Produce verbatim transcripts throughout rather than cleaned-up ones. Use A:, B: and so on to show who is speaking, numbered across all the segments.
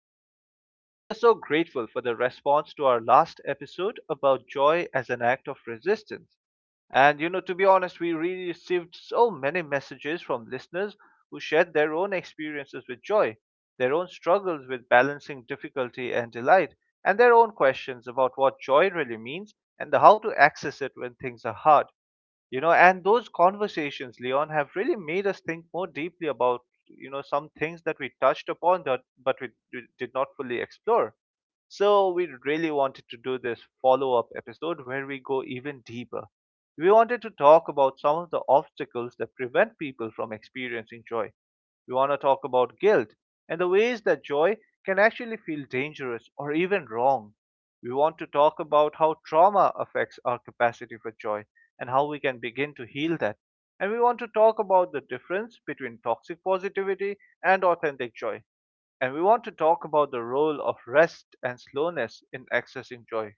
A: Leon. And we are so grateful for the response to our last episode about joy as an act of resistance. And you know, to be honest, we really received so many messages from listeners who shared their own experiences with joy, their own struggles with balancing difficulty and delight, and their own questions about what joy really means and how to access it when things are hard you know And those conversations, Leon, have really made us think more deeply about you know some things that we touched upon that but we d- did not fully explore. So we really wanted to do this follow-up episode where we go even deeper. We wanted to talk about some of the obstacles that prevent people from experiencing joy. We want to talk about guilt and the ways that joy can actually feel dangerous or even wrong. We want to talk about how trauma affects our capacity for joy and how we can begin to heal that. And we want to talk about the difference between toxic positivity and authentic joy. And we want to talk about the role of rest and slowness in accessing joy.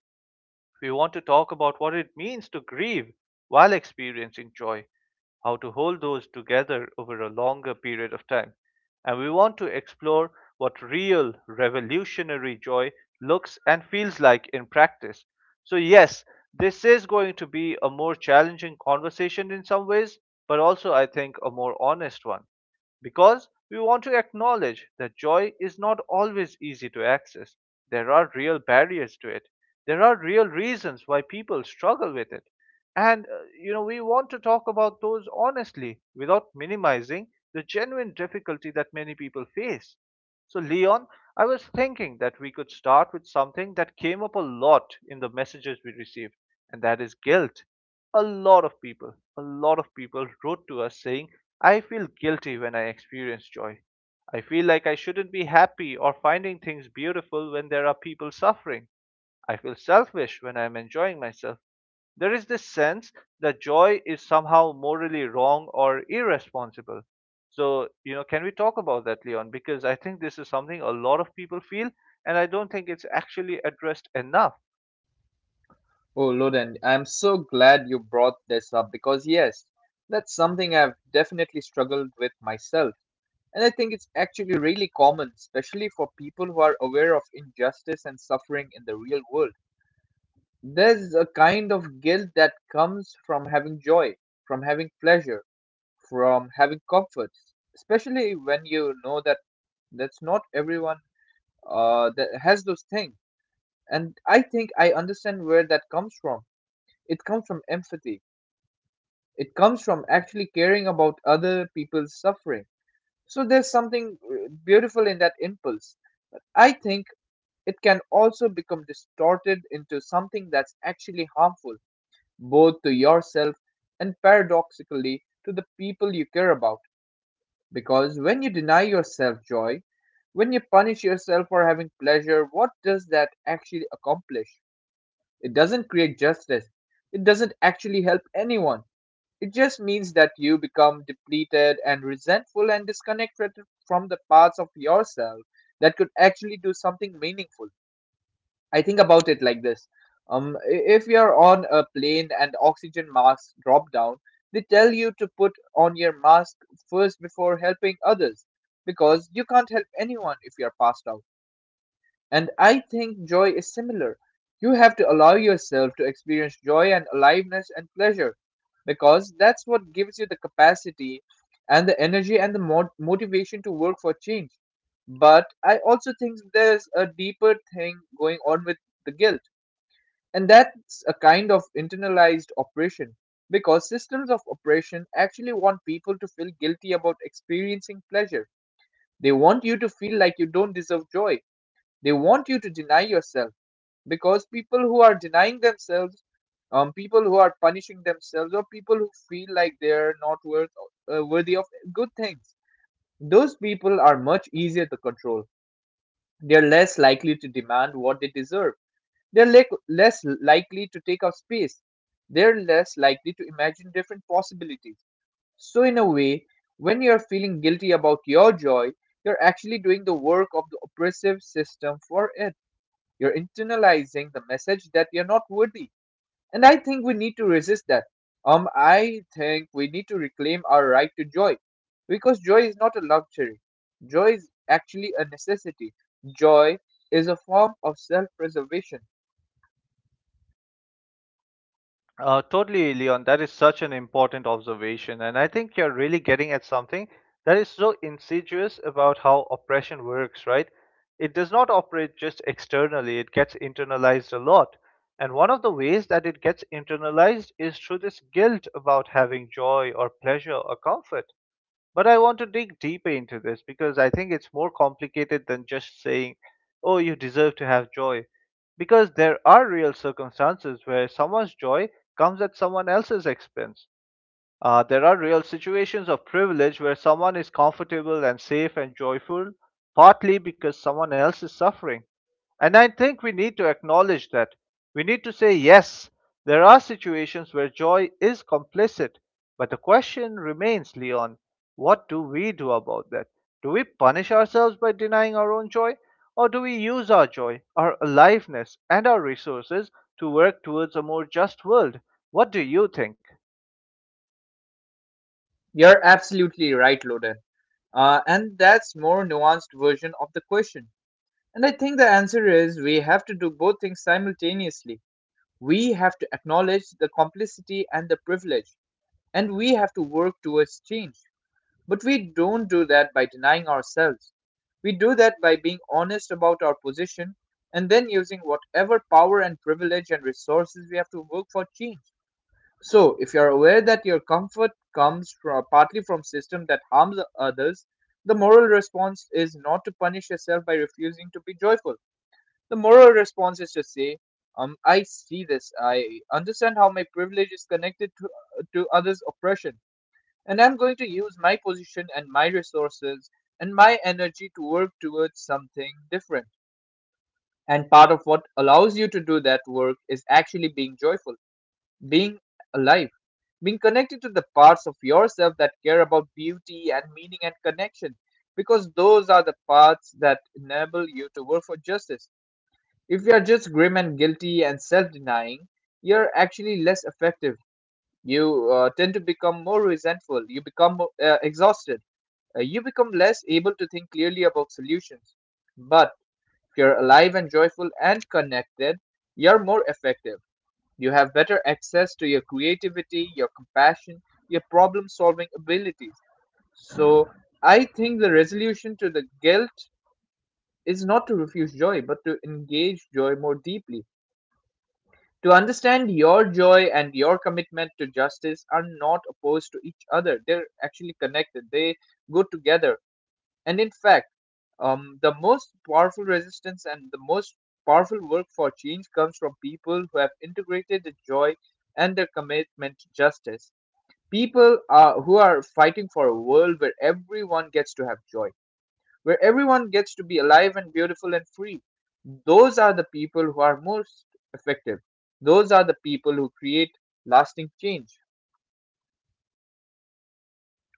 A: We want to talk about what it means to grieve while experiencing joy, how to hold those together over a longer period of time. And we want to explore what real revolutionary joy looks and feels like in practice. So, yes, this is going to be a more challenging conversation in some ways, but also, I think, a more honest one, because we want to acknowledge that joy is not always easy to access. There are real barriers to it, there are real reasons why people struggle with it. And, uh, you know, we want to talk about those honestly without minimizing the genuine difficulty that many people face. So, Leon, I was thinking that we could start with something that came up a lot in the messages we received, and that is guilt. A lot of people, a lot of people wrote to us saying, I feel guilty when I experience joy. I feel like I shouldn't be happy or finding things beautiful when there are people suffering. I feel selfish when I am enjoying myself. There is this sense that joy is somehow morally wrong or irresponsible. So, you know, can we talk about that, Leon? Because I think this is something a lot of people feel, and I don't think it's actually addressed enough.
B: Oh, Loden, I'm so glad you brought this up because, yes, that's something I've definitely struggled with myself. And I think it's actually really common, especially for people who are aware of injustice and suffering in the real world. There's a kind of guilt that comes from having joy, from having pleasure, from having comforts, especially when you know that that's not everyone uh, that has those things. And I think I understand where that comes from. It comes from empathy. It comes from actually caring about other people's suffering. So there's something uh, beautiful in that impulse. I think it can also become distorted into something that's actually harmful, both to yourself and paradoxically to the people you care about. Because when you deny yourself joy, when you punish yourself for having pleasure, what does that actually accomplish? It doesn't create justice. It doesn't actually help anyone. It just means that you become depleted and resentful and disconnected from the parts of yourself that could actually do something meaningful. I think about it like this. Um, i- if you're on a plane and oxygen masks drop down, they tell you to put on your mask first before helping others because you can't help anyone if you're passed out. And I think joy is similar. You have to allow yourself to experience joy and aliveness and pleasure because that's what gives you the capacity and the energy and the mo- motivation to work for change. But I also think there's a deeper thing going on with the guilt, and that's a kind of internalized oppression because systems of oppression actually want people to feel guilty about experiencing pleasure. They want you to feel like you don't deserve joy. They want you to deny yourself because people who are denying themselves, um, people who are punishing themselves, or people who feel like they're not worth, uh, worthy of good things, those people are much easier to control. They're less likely to demand what they deserve. They're le- less likely to take up space. They're less likely to imagine different possibilities. So in a way, when you're feeling guilty about your joy, you're actually doing the work of the oppressive system for it. You're internalizing the message that you're not worthy, and I think we need to resist that. Um, I think we need to reclaim our right to joy. Because joy is not a luxury. Joy is actually a necessity. Joy is a form of self preservation.
A: Uh, totally, Leon. That is such an important observation. And I think you're really getting at something that is so insidious about how oppression works, right? It does not operate just externally, it gets internalized a lot. And one of the ways that it gets internalized is through this guilt about having joy or pleasure or comfort. But I want to dig deeper into this, because I think it's more complicated than just saying, oh, you deserve to have joy. Because there are real circumstances where someone's joy comes at someone else's expense. Uh, there are real situations of privilege where someone is comfortable and safe and joyful, partly because someone else is suffering. And I think we need to acknowledge that. We need to say, yes, there are situations where joy is complicit. But the question remains, Leon, what do we do about that? Do we punish ourselves by denying our own joy? Or do we use our joy, our aliveness, and our resources to work towards a more just world? What do you think?
B: You're absolutely right, Loden. Uh, and that's more nuanced version of the question. And I think the answer is we have to do both things simultaneously. We have to acknowledge the complicity and the privilege, and we have to work towards change. But we don't do that by denying ourselves. We do that by being honest about our position and then using whatever power and privilege and resources we have to work for change. So, if you're aware that your comfort comes from, partly from system that harms others, the moral response is not to punish yourself by refusing to be joyful. The moral response is to say, um, I see this. I understand how my privilege is connected to, to others' oppression. And I'm going to use my position and my resources and my energy to work towards something different. And part of what allows you to do that work is actually being joyful, being alive, being connected to the parts of yourself that care about beauty and meaning and connection, because those are the parts that enable you to work for justice. If you are just grim and guilty and self denying, you're actually less effective. You uh, tend to become more resentful, you become more, uh, exhausted, uh, you become less able to think clearly about solutions. But if you're alive and joyful and connected, you're more effective. You have better access to your creativity, your compassion, your problem solving abilities. So I think the resolution to the guilt is not to refuse joy, but to engage joy more deeply. To understand your joy and your commitment to justice are not opposed to each other. They're actually connected. They go together. And in fact, um, the most powerful resistance and the most powerful work for change comes from people who have integrated the joy and their commitment to justice. People uh, who are fighting for a world where everyone gets to have joy, where everyone gets to be alive and beautiful and free. Those are the people who are most effective. Those are the people who create lasting change.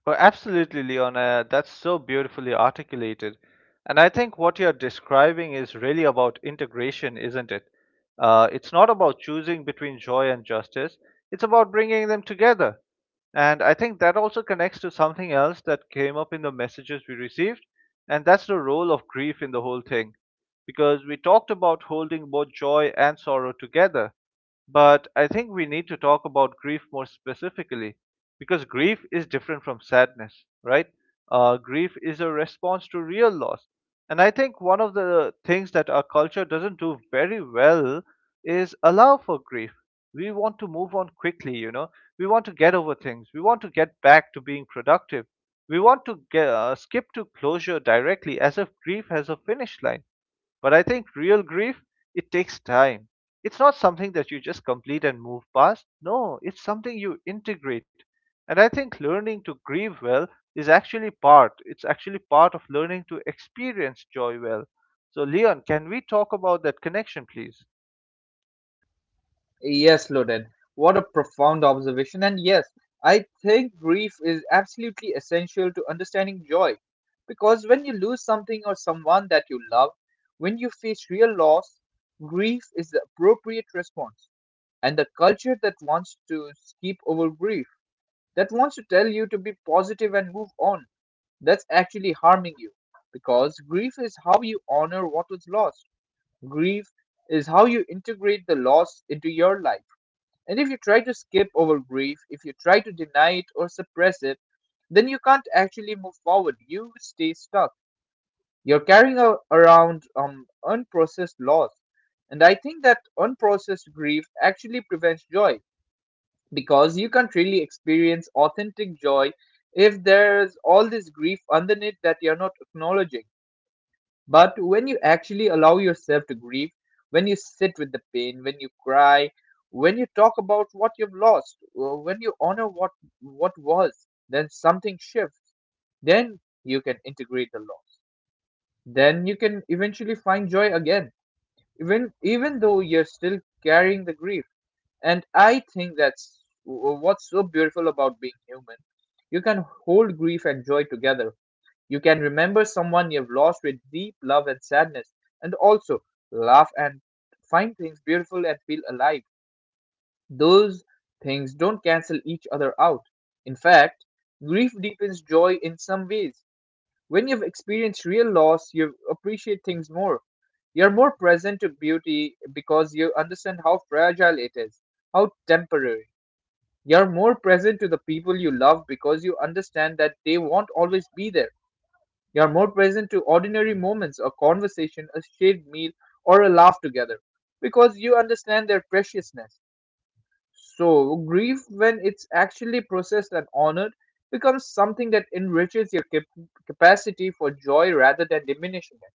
A: Well, absolutely, Leona. That's so beautifully articulated. And I think what you're describing is really about integration, isn't it? Uh, it's not about choosing between joy and justice, it's about bringing them together. And I think that also connects to something else that came up in the messages we received, and that's the role of grief in the whole thing. Because we talked about holding both joy and sorrow together, but I think we need to talk about grief more specifically, because grief is different from sadness, right? Uh, grief is a response to real loss. And I think one of the things that our culture doesn't do very well is allow for grief. We want to move on quickly, you know. We want to get over things. We want to get back to being productive. We want to get, uh, skip to closure directly, as if grief has a finish line. But I think real grief, it takes time. It's not something that you just complete and move past. No, it's something you integrate. And I think learning to grieve well is actually part, it's actually part of learning to experience joy well. So, Leon, can we talk about that connection, please?
B: Yes, Loden. What a profound observation. And yes, I think grief is absolutely essential to understanding joy. Because when you lose something or someone that you love, when you face real loss, grief is the appropriate response. And the culture that wants to skip over grief, that wants to tell you to be positive and move on, that's actually harming you. Because grief is how you honor what was lost, grief is how you integrate the loss into your life, and if you try to skip over grief, if you try to deny it or suppress it, then you can't actually move forward. You stay stuck. You're carrying a, around um, unprocessed loss. And I think that unprocessed grief actually prevents joy because you can't really experience authentic joy if there's all this grief underneath that you're not acknowledging. But when you actually allow yourself to grieve, when you sit with the pain, when you cry, when you talk about what you've lost, uh, when you honor what what was, then something shifts. Then you can integrate the loss. Then you can eventually find joy again, even even though you're still carrying the grief. And I think that's w- what's so beautiful about being human. You can hold grief and joy together. You can remember someone you've lost with deep love and sadness, and also laugh and find things beautiful and feel alive. Those things don't cancel each other out. In fact, grief deepens joy in some ways. When you've experienced real loss, you appreciate things more. You're more present to beauty because you understand how fragile it is, how temporary. You're more present to the people you love because you understand that they won't always be there. You are more present to ordinary moments of conversation, a shared meal, or a laugh together, because you understand their preciousness. So, grief, when it's actually processed and honored, becomes something that enriches your cap- capacity for joy rather than diminishing it.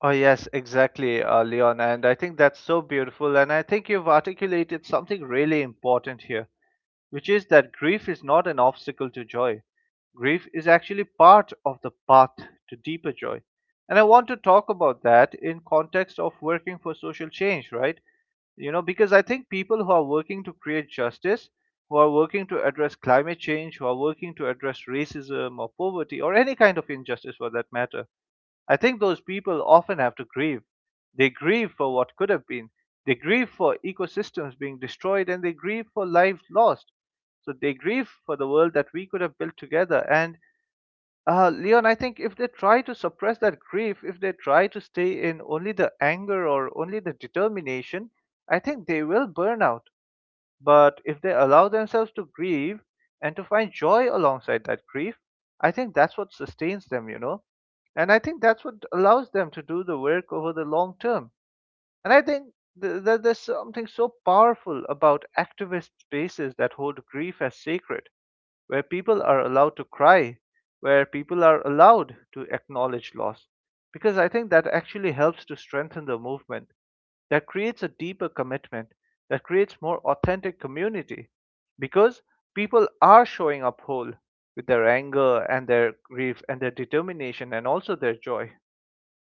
A: Oh, yes, exactly, uh, Leon. And I think that's so beautiful. And I think you've articulated something really important here, which is that grief is not an obstacle to joy. Grief is actually part of the path to deeper joy. And I want to talk about that in context of working for social change, right? You know, because I think people who are working to create justice, who are working to address climate change, who are working to address racism or poverty or any kind of injustice for that matter, I think those people often have to grieve. They grieve for what could have been, they grieve for ecosystems being destroyed, and they grieve for lives lost. So they grieve for the world that we could have built together. And uh, Leon, I think if they try to suppress that grief, if they try to stay in only the anger or only the determination, I think they will burn out. But if they allow themselves to grieve and to find joy alongside that grief, I think that's what sustains them, you know. And I think that's what allows them to do the work over the long term. And I think th- that there's something so powerful about activist spaces that hold grief as sacred, where people are allowed to cry, where people are allowed to acknowledge loss. Because I think that actually helps to strengthen the movement, that creates a deeper commitment, that creates more authentic community, because people are showing up whole, with their anger and their grief and their determination and also their joy.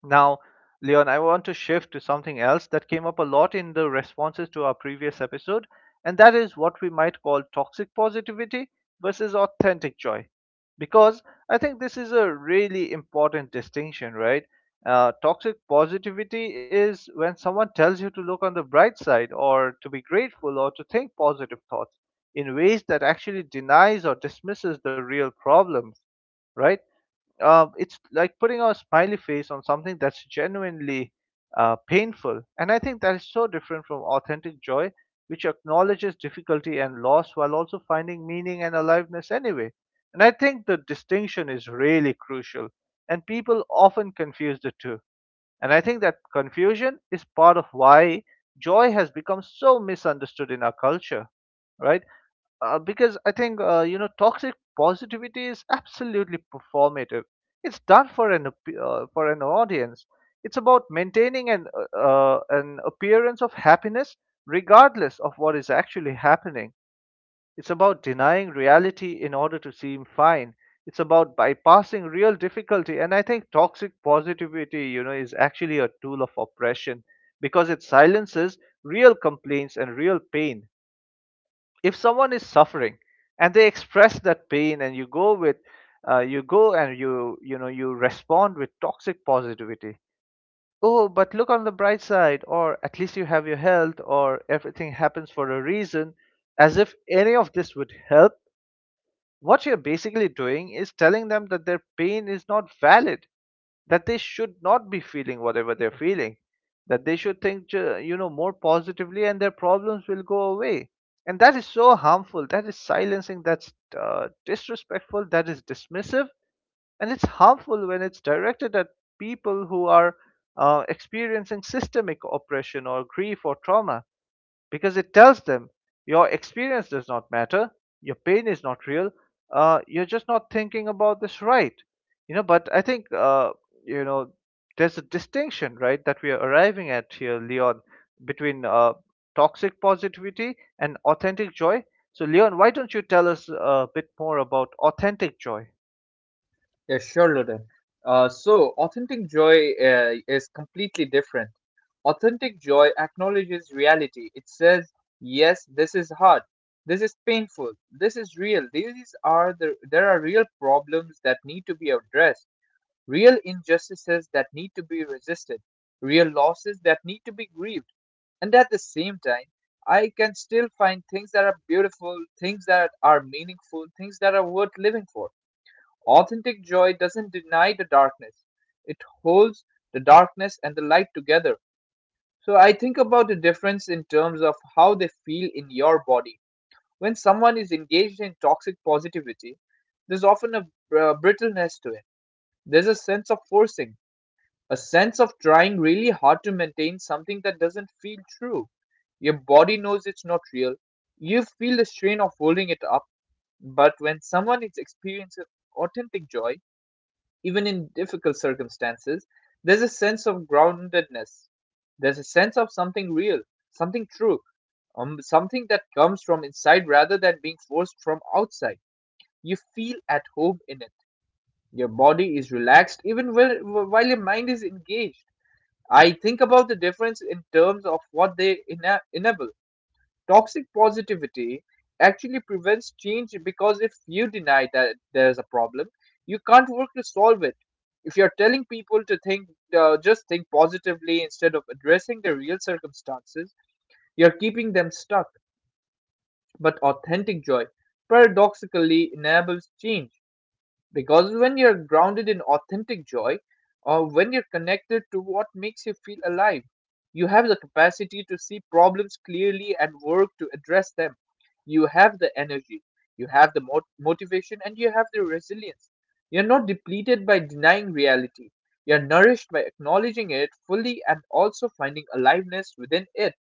A: Now, Leon, I want to shift to something else that came up a lot in the responses to our previous episode, and that is what we might call toxic positivity versus authentic joy. Because I think this is a really important distinction, right? Uh, toxic positivity is when someone tells you to look on the bright side or to be grateful or to think positive thoughts in ways that actually denies or dismisses the real problems, right? Uh, it's like putting a smiley face on something that's genuinely uh, painful. And I think that is so different from authentic joy, which acknowledges difficulty and loss while also finding meaning and aliveness anyway. And I think the distinction is really crucial, and people often confuse the two. And I think that confusion is part of why joy has become so misunderstood in our culture, right? Uh, because I think uh, you know, toxic positivity is absolutely performative. It's done for an appe- uh, for an audience. It's about maintaining an uh, uh, an appearance of happiness regardless of what is actually happening. It's about denying reality in order to seem fine. It's about bypassing real difficulty. And I think toxic positivity, you know, is actually a tool of oppression, because it silences real complaints and real pain. If someone is suffering and they express that pain and you go with uh, you go and you you know you respond with toxic positivity, oh but look on the bright side, or at least you have your health, or everything happens for a reason, as if any of this would help. What you're basically doing is telling them that their pain is not valid, that they should not be feeling whatever they're feeling, that they should think ju- you know more positively and their problems will go away. And that is so harmful, that is silencing, that's uh, disrespectful, that is dismissive. And it's harmful when it's directed at people who are uh, experiencing systemic oppression or grief or trauma, because it tells them your experience does not matter, your pain is not real, uh, you're just not thinking about this right. You know, but I think, uh, you know, there's a distinction, right, that we are arriving at here, Leon, between uh, toxic positivity and authentic joy. So, Leon, why don't you tell us a bit more about authentic joy?
B: Yeah, sure, Luton. Uh, so, authentic joy uh, is completely different. Authentic joy acknowledges reality. It says, yes, this is hard. This is painful. This is real. These are the there are real problems that need to be addressed, real injustices that need to be resisted, real losses that need to be grieved. And at the same time, I can still find things that are beautiful, things that are meaningful, things that are worth living for. Authentic joy doesn't deny the darkness, it holds the darkness and the light together. So I think about the difference in terms of how they feel in your body. When someone is engaged in toxic positivity, there's often a uh, brittleness to it. There's a sense of forcing, a sense of trying really hard to maintain something that doesn't feel true. Your body knows it's not real. You feel the strain of holding it up. But when someone is experiencing authentic joy, even in difficult circumstances, there's a sense of groundedness. There's a sense of something real, something true, um, something that comes from inside rather than being forced from outside. You feel at home in it. Your body is relaxed even while, while your mind is engaged. I think about the difference in terms of what they ena- enable. Toxic positivity actually prevents change because if you deny that there's a problem, you can't work to solve it. If you're telling people to think, uh, just think positively instead of addressing the real circumstances, you're keeping them stuck. But authentic joy paradoxically enables change. Because when you're grounded in authentic joy, or when you're connected to what makes you feel alive, you have the capacity to see problems clearly and work to address them. You have the energy, you have the mot- motivation, and you have the resilience. You're not depleted by denying reality. You're nourished by acknowledging it fully and also finding aliveness within it.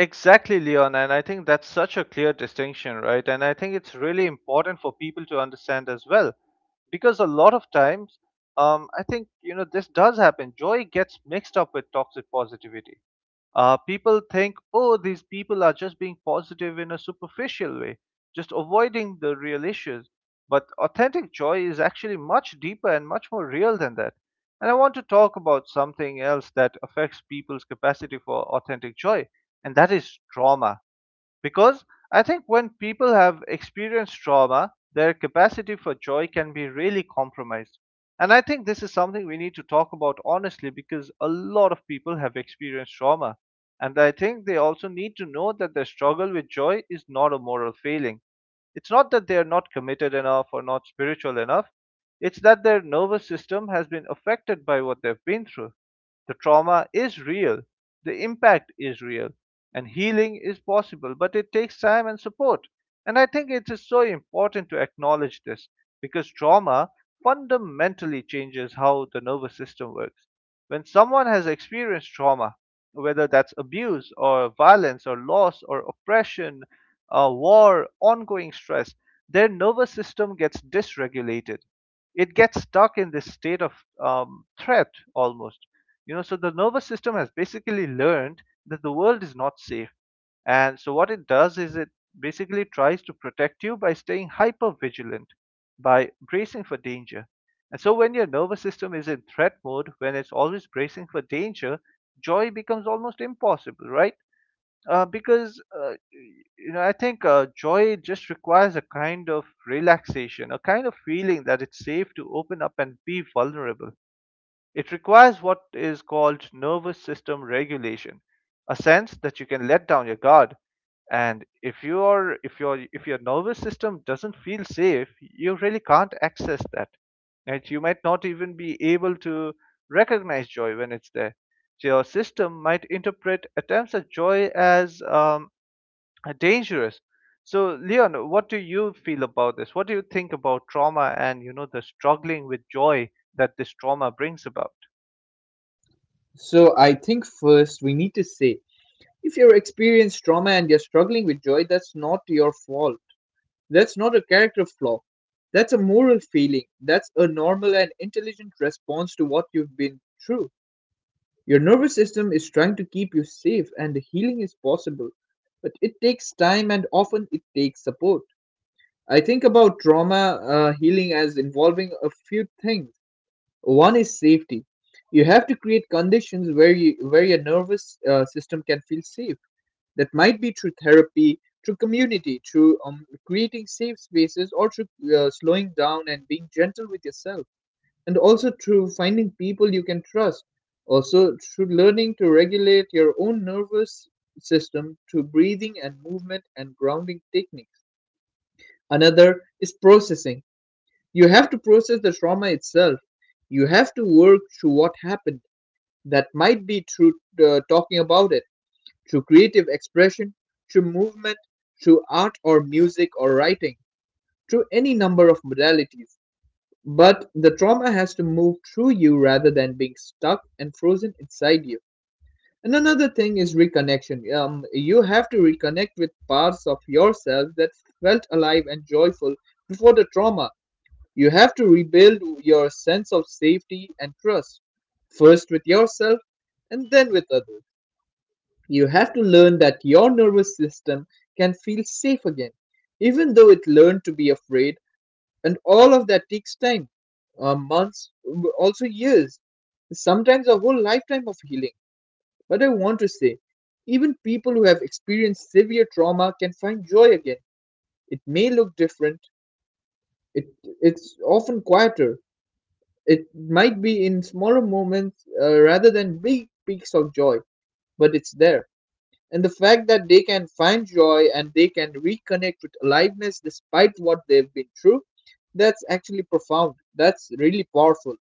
A: Exactly, Leon. And I think that's such a clear distinction, right? And I think it's really important for people to understand as well. Because a lot of times, um, I think, you know, this does happen. Joy gets mixed up with toxic positivity. Uh, people think, oh, these people are just being positive in a superficial way, just avoiding the real issues. But authentic joy is actually much deeper and much more real than that. And I want to talk about something else that affects people's capacity for authentic joy, and that is trauma. Because I think when people have experienced trauma, their capacity for joy can be really compromised. And I think this is something we need to talk about honestly because a lot of people have experienced trauma. And I think they also need to know that their struggle with joy is not a moral failing. It's not that they are not committed enough or not spiritual enough. It's that their nervous system has been affected by what they've been through. The trauma is real. The impact is real. And healing is possible, but it takes time and support. And I think it is so important to acknowledge this because trauma fundamentally changes how the nervous system works. When someone has experienced trauma, whether that's abuse or violence or loss or oppression, uh, war, ongoing stress, their nervous system gets dysregulated. It gets stuck in this state of um, threat almost. You know, so the nervous system has basically learned that the world is not safe. And so what it does is it basically tries to protect you by staying hyper vigilant, by bracing for danger. And so when your nervous system is in threat mode, when it's always bracing for danger, joy becomes almost impossible, right? uh, because uh, you know, I think uh, joy just requires a kind of relaxation, a kind of feeling that it's safe to open up and be vulnerable. It requires what is called nervous system regulation, a sense that you can let down your guard. And if your if your if your nervous system doesn't feel safe, you really can't access that. Right? You might not even be able to recognize joy when it's there. So your system might interpret attempts at joy as um, dangerous. So, Leon, what do you feel about this? What do you think about trauma and, you know, the struggling with joy that this trauma brings about?
B: So, I think first we need to say, if you're experienced trauma and you're struggling with joy, that's not your fault. That's not a character flaw. That's a moral feeling. That's a normal and intelligent response to what you've been through. Your nervous system is trying to keep you safe, and the healing is possible. But it takes time and often it takes support. I think about trauma uh, healing as involving a few things. One is safety. You have to create conditions where, you, where your nervous uh, system can feel safe, that might be through therapy, through community, through um, creating safe spaces, or through uh, slowing down and being gentle with yourself, and also through finding people you can trust. Also, through learning to regulate your own nervous system through breathing and movement and grounding techniques. Another is processing. You have to process the trauma itself. You have to work through what happened. That might be through uh, talking about it, through creative expression, through movement, through art or music or writing, through any number of modalities. But the trauma has to move through you rather than being stuck and frozen inside you. And another thing is reconnection. Um, you have to reconnect with parts of yourself that felt alive and joyful before the trauma. You have to rebuild your sense of safety and trust, first with yourself and then with others. You have to learn that your nervous system can feel safe again, even though it learned to be afraid, and all of that takes time, uh, months, w- also years, sometimes a whole lifetime of healing. But I want to say, even people who have experienced severe trauma can find joy again. It may look different. It it's often quieter. It might be in smaller moments, uh, rather than big peaks of joy, but it's there. And the fact that they can find joy and they can reconnect with aliveness despite what they've been through, that's actually profound. That's really powerful.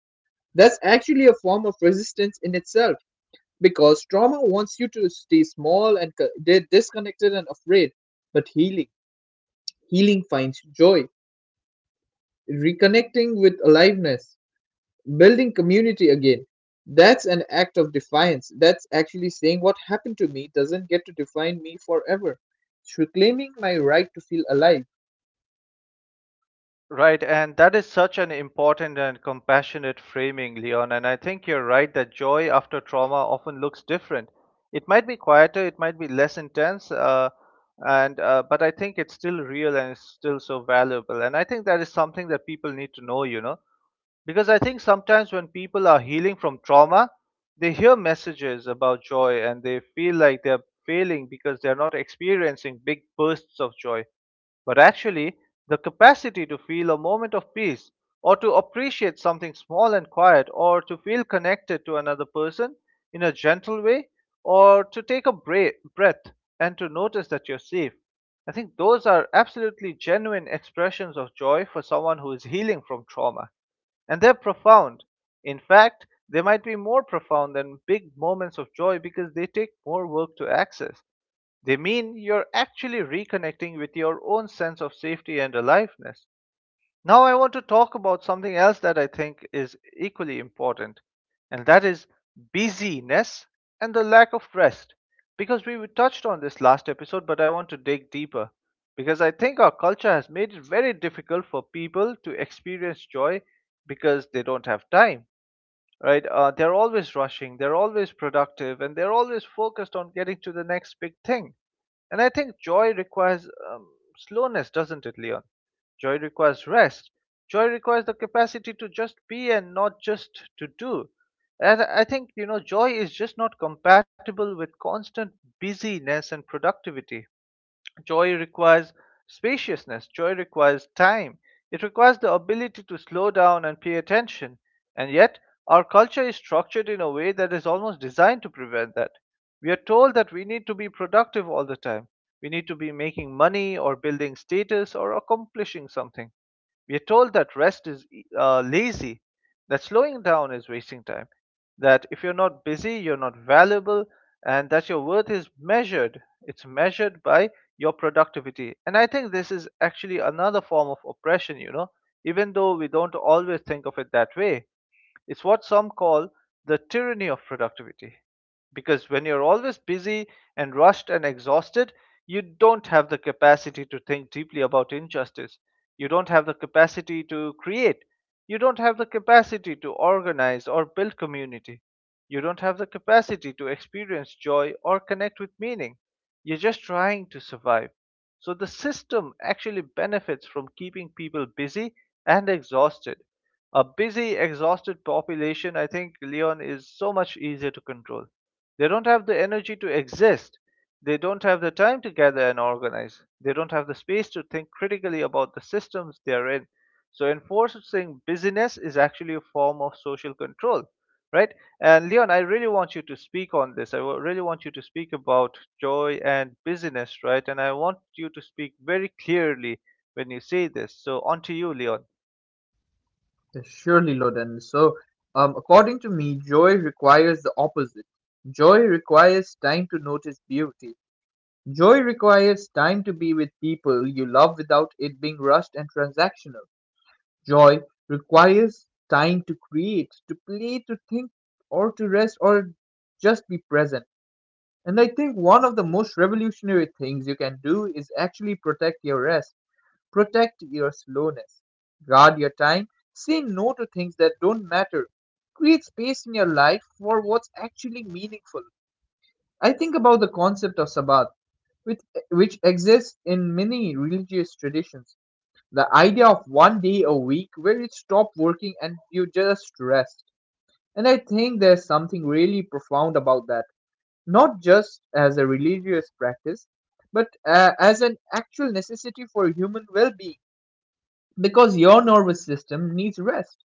B: That's actually a form of resistance in itself, because trauma wants you to stay small and co- di- disconnected and afraid. But healing, healing finds joy, reconnecting with aliveness, building community again, that's an act of defiance, that's actually saying what happened to me doesn't get to define me forever. It's reclaiming my right to feel alive.
A: Right, and that is such an important and compassionate framing, Leon. And I think you're right that joy after trauma often looks different. It might be quieter, it might be less intense, uh, and uh, but I think it's still real and it's still so valuable. And I think that is something that people need to know, you know, because I think sometimes when people are healing from trauma, they hear messages about joy and they feel like they're failing because they're not experiencing big bursts of joy, but actually the capacity to feel a moment of peace or to appreciate something small and quiet or to feel connected to another person in a gentle way or to take a bra- breath and to notice that you're safe. I think those are absolutely genuine expressions of joy for someone who is healing from trauma. And they're profound. In fact, they might be more profound than big moments of joy because they take more work to access. They mean you're actually reconnecting with your own sense of safety and aliveness. Now, I want to talk about something else that I think is equally important, and that is busyness and the lack of rest. Because we touched on this last episode, but I want to dig deeper. Because I think our culture has made it very difficult for people to experience joy because they don't have time, right? Uh, they're always rushing, they're always productive, and they're always focused on getting to the next big thing. And I think joy requires um, slowness, doesn't it, Leon? Joy requires rest. Joy requires the capacity to just be and not just to do. And I I think, you know, joy is just not compatible with constant busyness and productivity. Joy requires spaciousness, joy requires time, it requires the ability to slow down and pay attention. And yet, our culture is structured in a way that is almost designed to prevent that. We are told that we need to be productive all the time. We need to be making money or building status or accomplishing something. We are told that rest is uh, lazy, that slowing down is wasting time, that if you're not busy, you're not valuable, and that your worth is measured. It's measured by your productivity. And I think this is actually another form of oppression, you know, even though we don't always think of it that way. It's what some call the tyranny of productivity. Because when you're always busy and rushed and exhausted, you don't have the capacity to think deeply about injustice. You don't have the capacity to create. You don't have the capacity to organize or build community. You don't have the capacity to experience joy or connect with meaning. You're just trying to survive. So the system actually benefits from keeping people busy and exhausted. A busy, exhausted population, I think, Leon, is so much easier to control. They don't have the energy to exist. They don't have the time to gather and organize. They don't have the space to think critically about the systems they are in. So, enforcing busyness is actually a form of social control, right? And Leon, I really want you to speak on this. I wa- really want you to speak about joy and busyness, right? And I want you to speak very clearly when you say this. So, on to you, Leon.
B: Surely, Loden. So, um, according to me, joy requires the opposite. Joy requires time to notice beauty. Joy requires time to be with people you love without it being rushed and transactional. Joy requires time to create, to play, to think, or to rest, or just be present. And I think one of the most revolutionary things you can do is actually protect your rest, protect your slowness, guard your time, say no to things that don't matter, create space in your life for what's actually meaningful. I think about the concept of Sabbath, which, which exists in many religious traditions. The idea of one day a week where you stop working and you just rest. And I think there's something really profound about that, not just as a religious practice, but uh, as an actual necessity for human well being. Because your nervous system needs rest,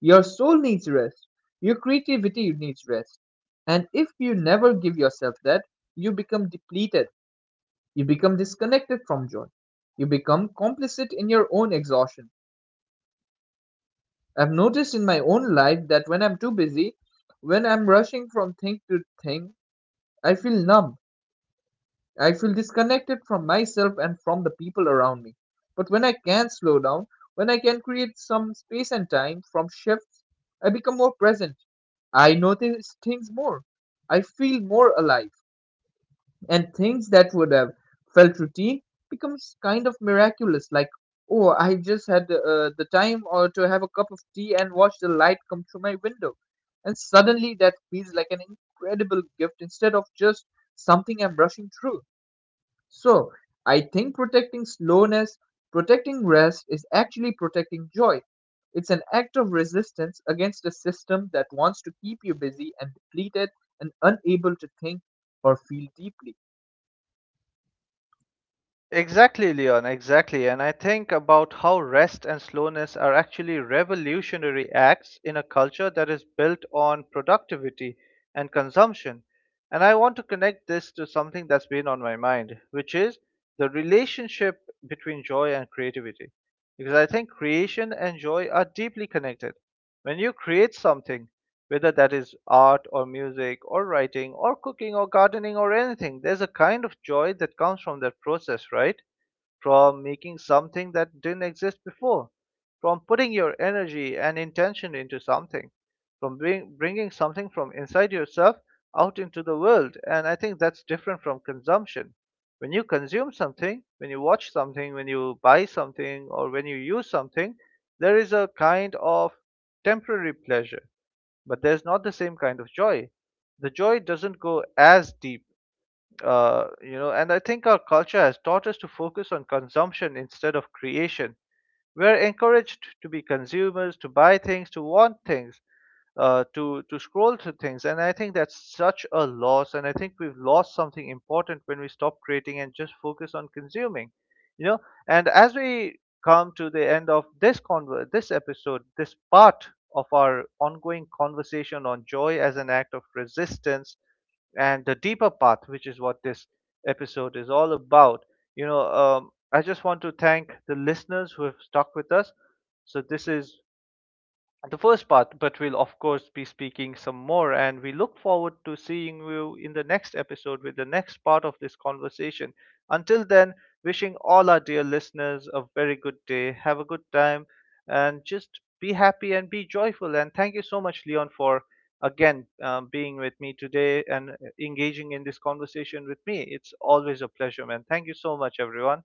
B: your soul needs rest, your creativity needs rest. And if you never give yourself that, you become depleted, you become disconnected from joy, you become complicit in your own exhaustion. I've noticed in my own life that when I'm too busy, when I'm rushing from thing to thing, I feel numb. I feel disconnected from myself and from the people around me. But when I can slow down, when I can create some space and time from shifts, I become more present. I notice things more. I feel more alive. And things that would have felt routine becomes kind of miraculous. Like, oh, I just had uh, the time or to have a cup of tea and watch the light come through my window. And suddenly that feels like an incredible gift instead of just something I'm rushing through. So, I think protecting slowness, protecting rest, is actually protecting joy. It's an act of resistance against a system that wants to keep you busy and depleted and unable to think or feel deeply.
A: Exactly, Leon, exactly. And I think about how rest and slowness are actually revolutionary acts in a culture that is built on productivity and consumption. And I want to connect this to something that's been on my mind, which is the relationship between joy and creativity. Because I think creation and joy are deeply connected. When you create something, whether that is art or music or writing or cooking or gardening or anything, there's a kind of joy that comes from that process, right? From making something that didn't exist before, from putting your energy and intention into something, from bring, bringing something from inside yourself out into the world. And I think that's different from consumption. When you consume something, when you watch something, when you buy something, or when you use something, there is a kind of temporary pleasure, but there's not the same kind of joy. The joy doesn't go as deep. Uh, you know, and I think our culture has taught us to focus on consumption instead of creation. We're encouraged to be consumers, to buy things, to want things, uh, to to scroll through things, and I think that's such a loss. And I think we've lost something important when we stop creating and just focus on consuming. You know, and as we come to the end of this conver- this episode, this part of our ongoing conversation on joy as an act of resistance and the deeper path, which is what this episode is all about. You know, um, I just want to thank the listeners who have stuck with us. So, this is the first part, but we'll of course be speaking some more. And we look forward to seeing you in the next episode with the next part of this conversation. Until then, wishing all our dear listeners a very good day. Have a good time and just be happy and be joyful. And thank you so much, Leon, for again um, being with me today and engaging in this conversation with me. It's always a pleasure, man. Thank you so much, everyone.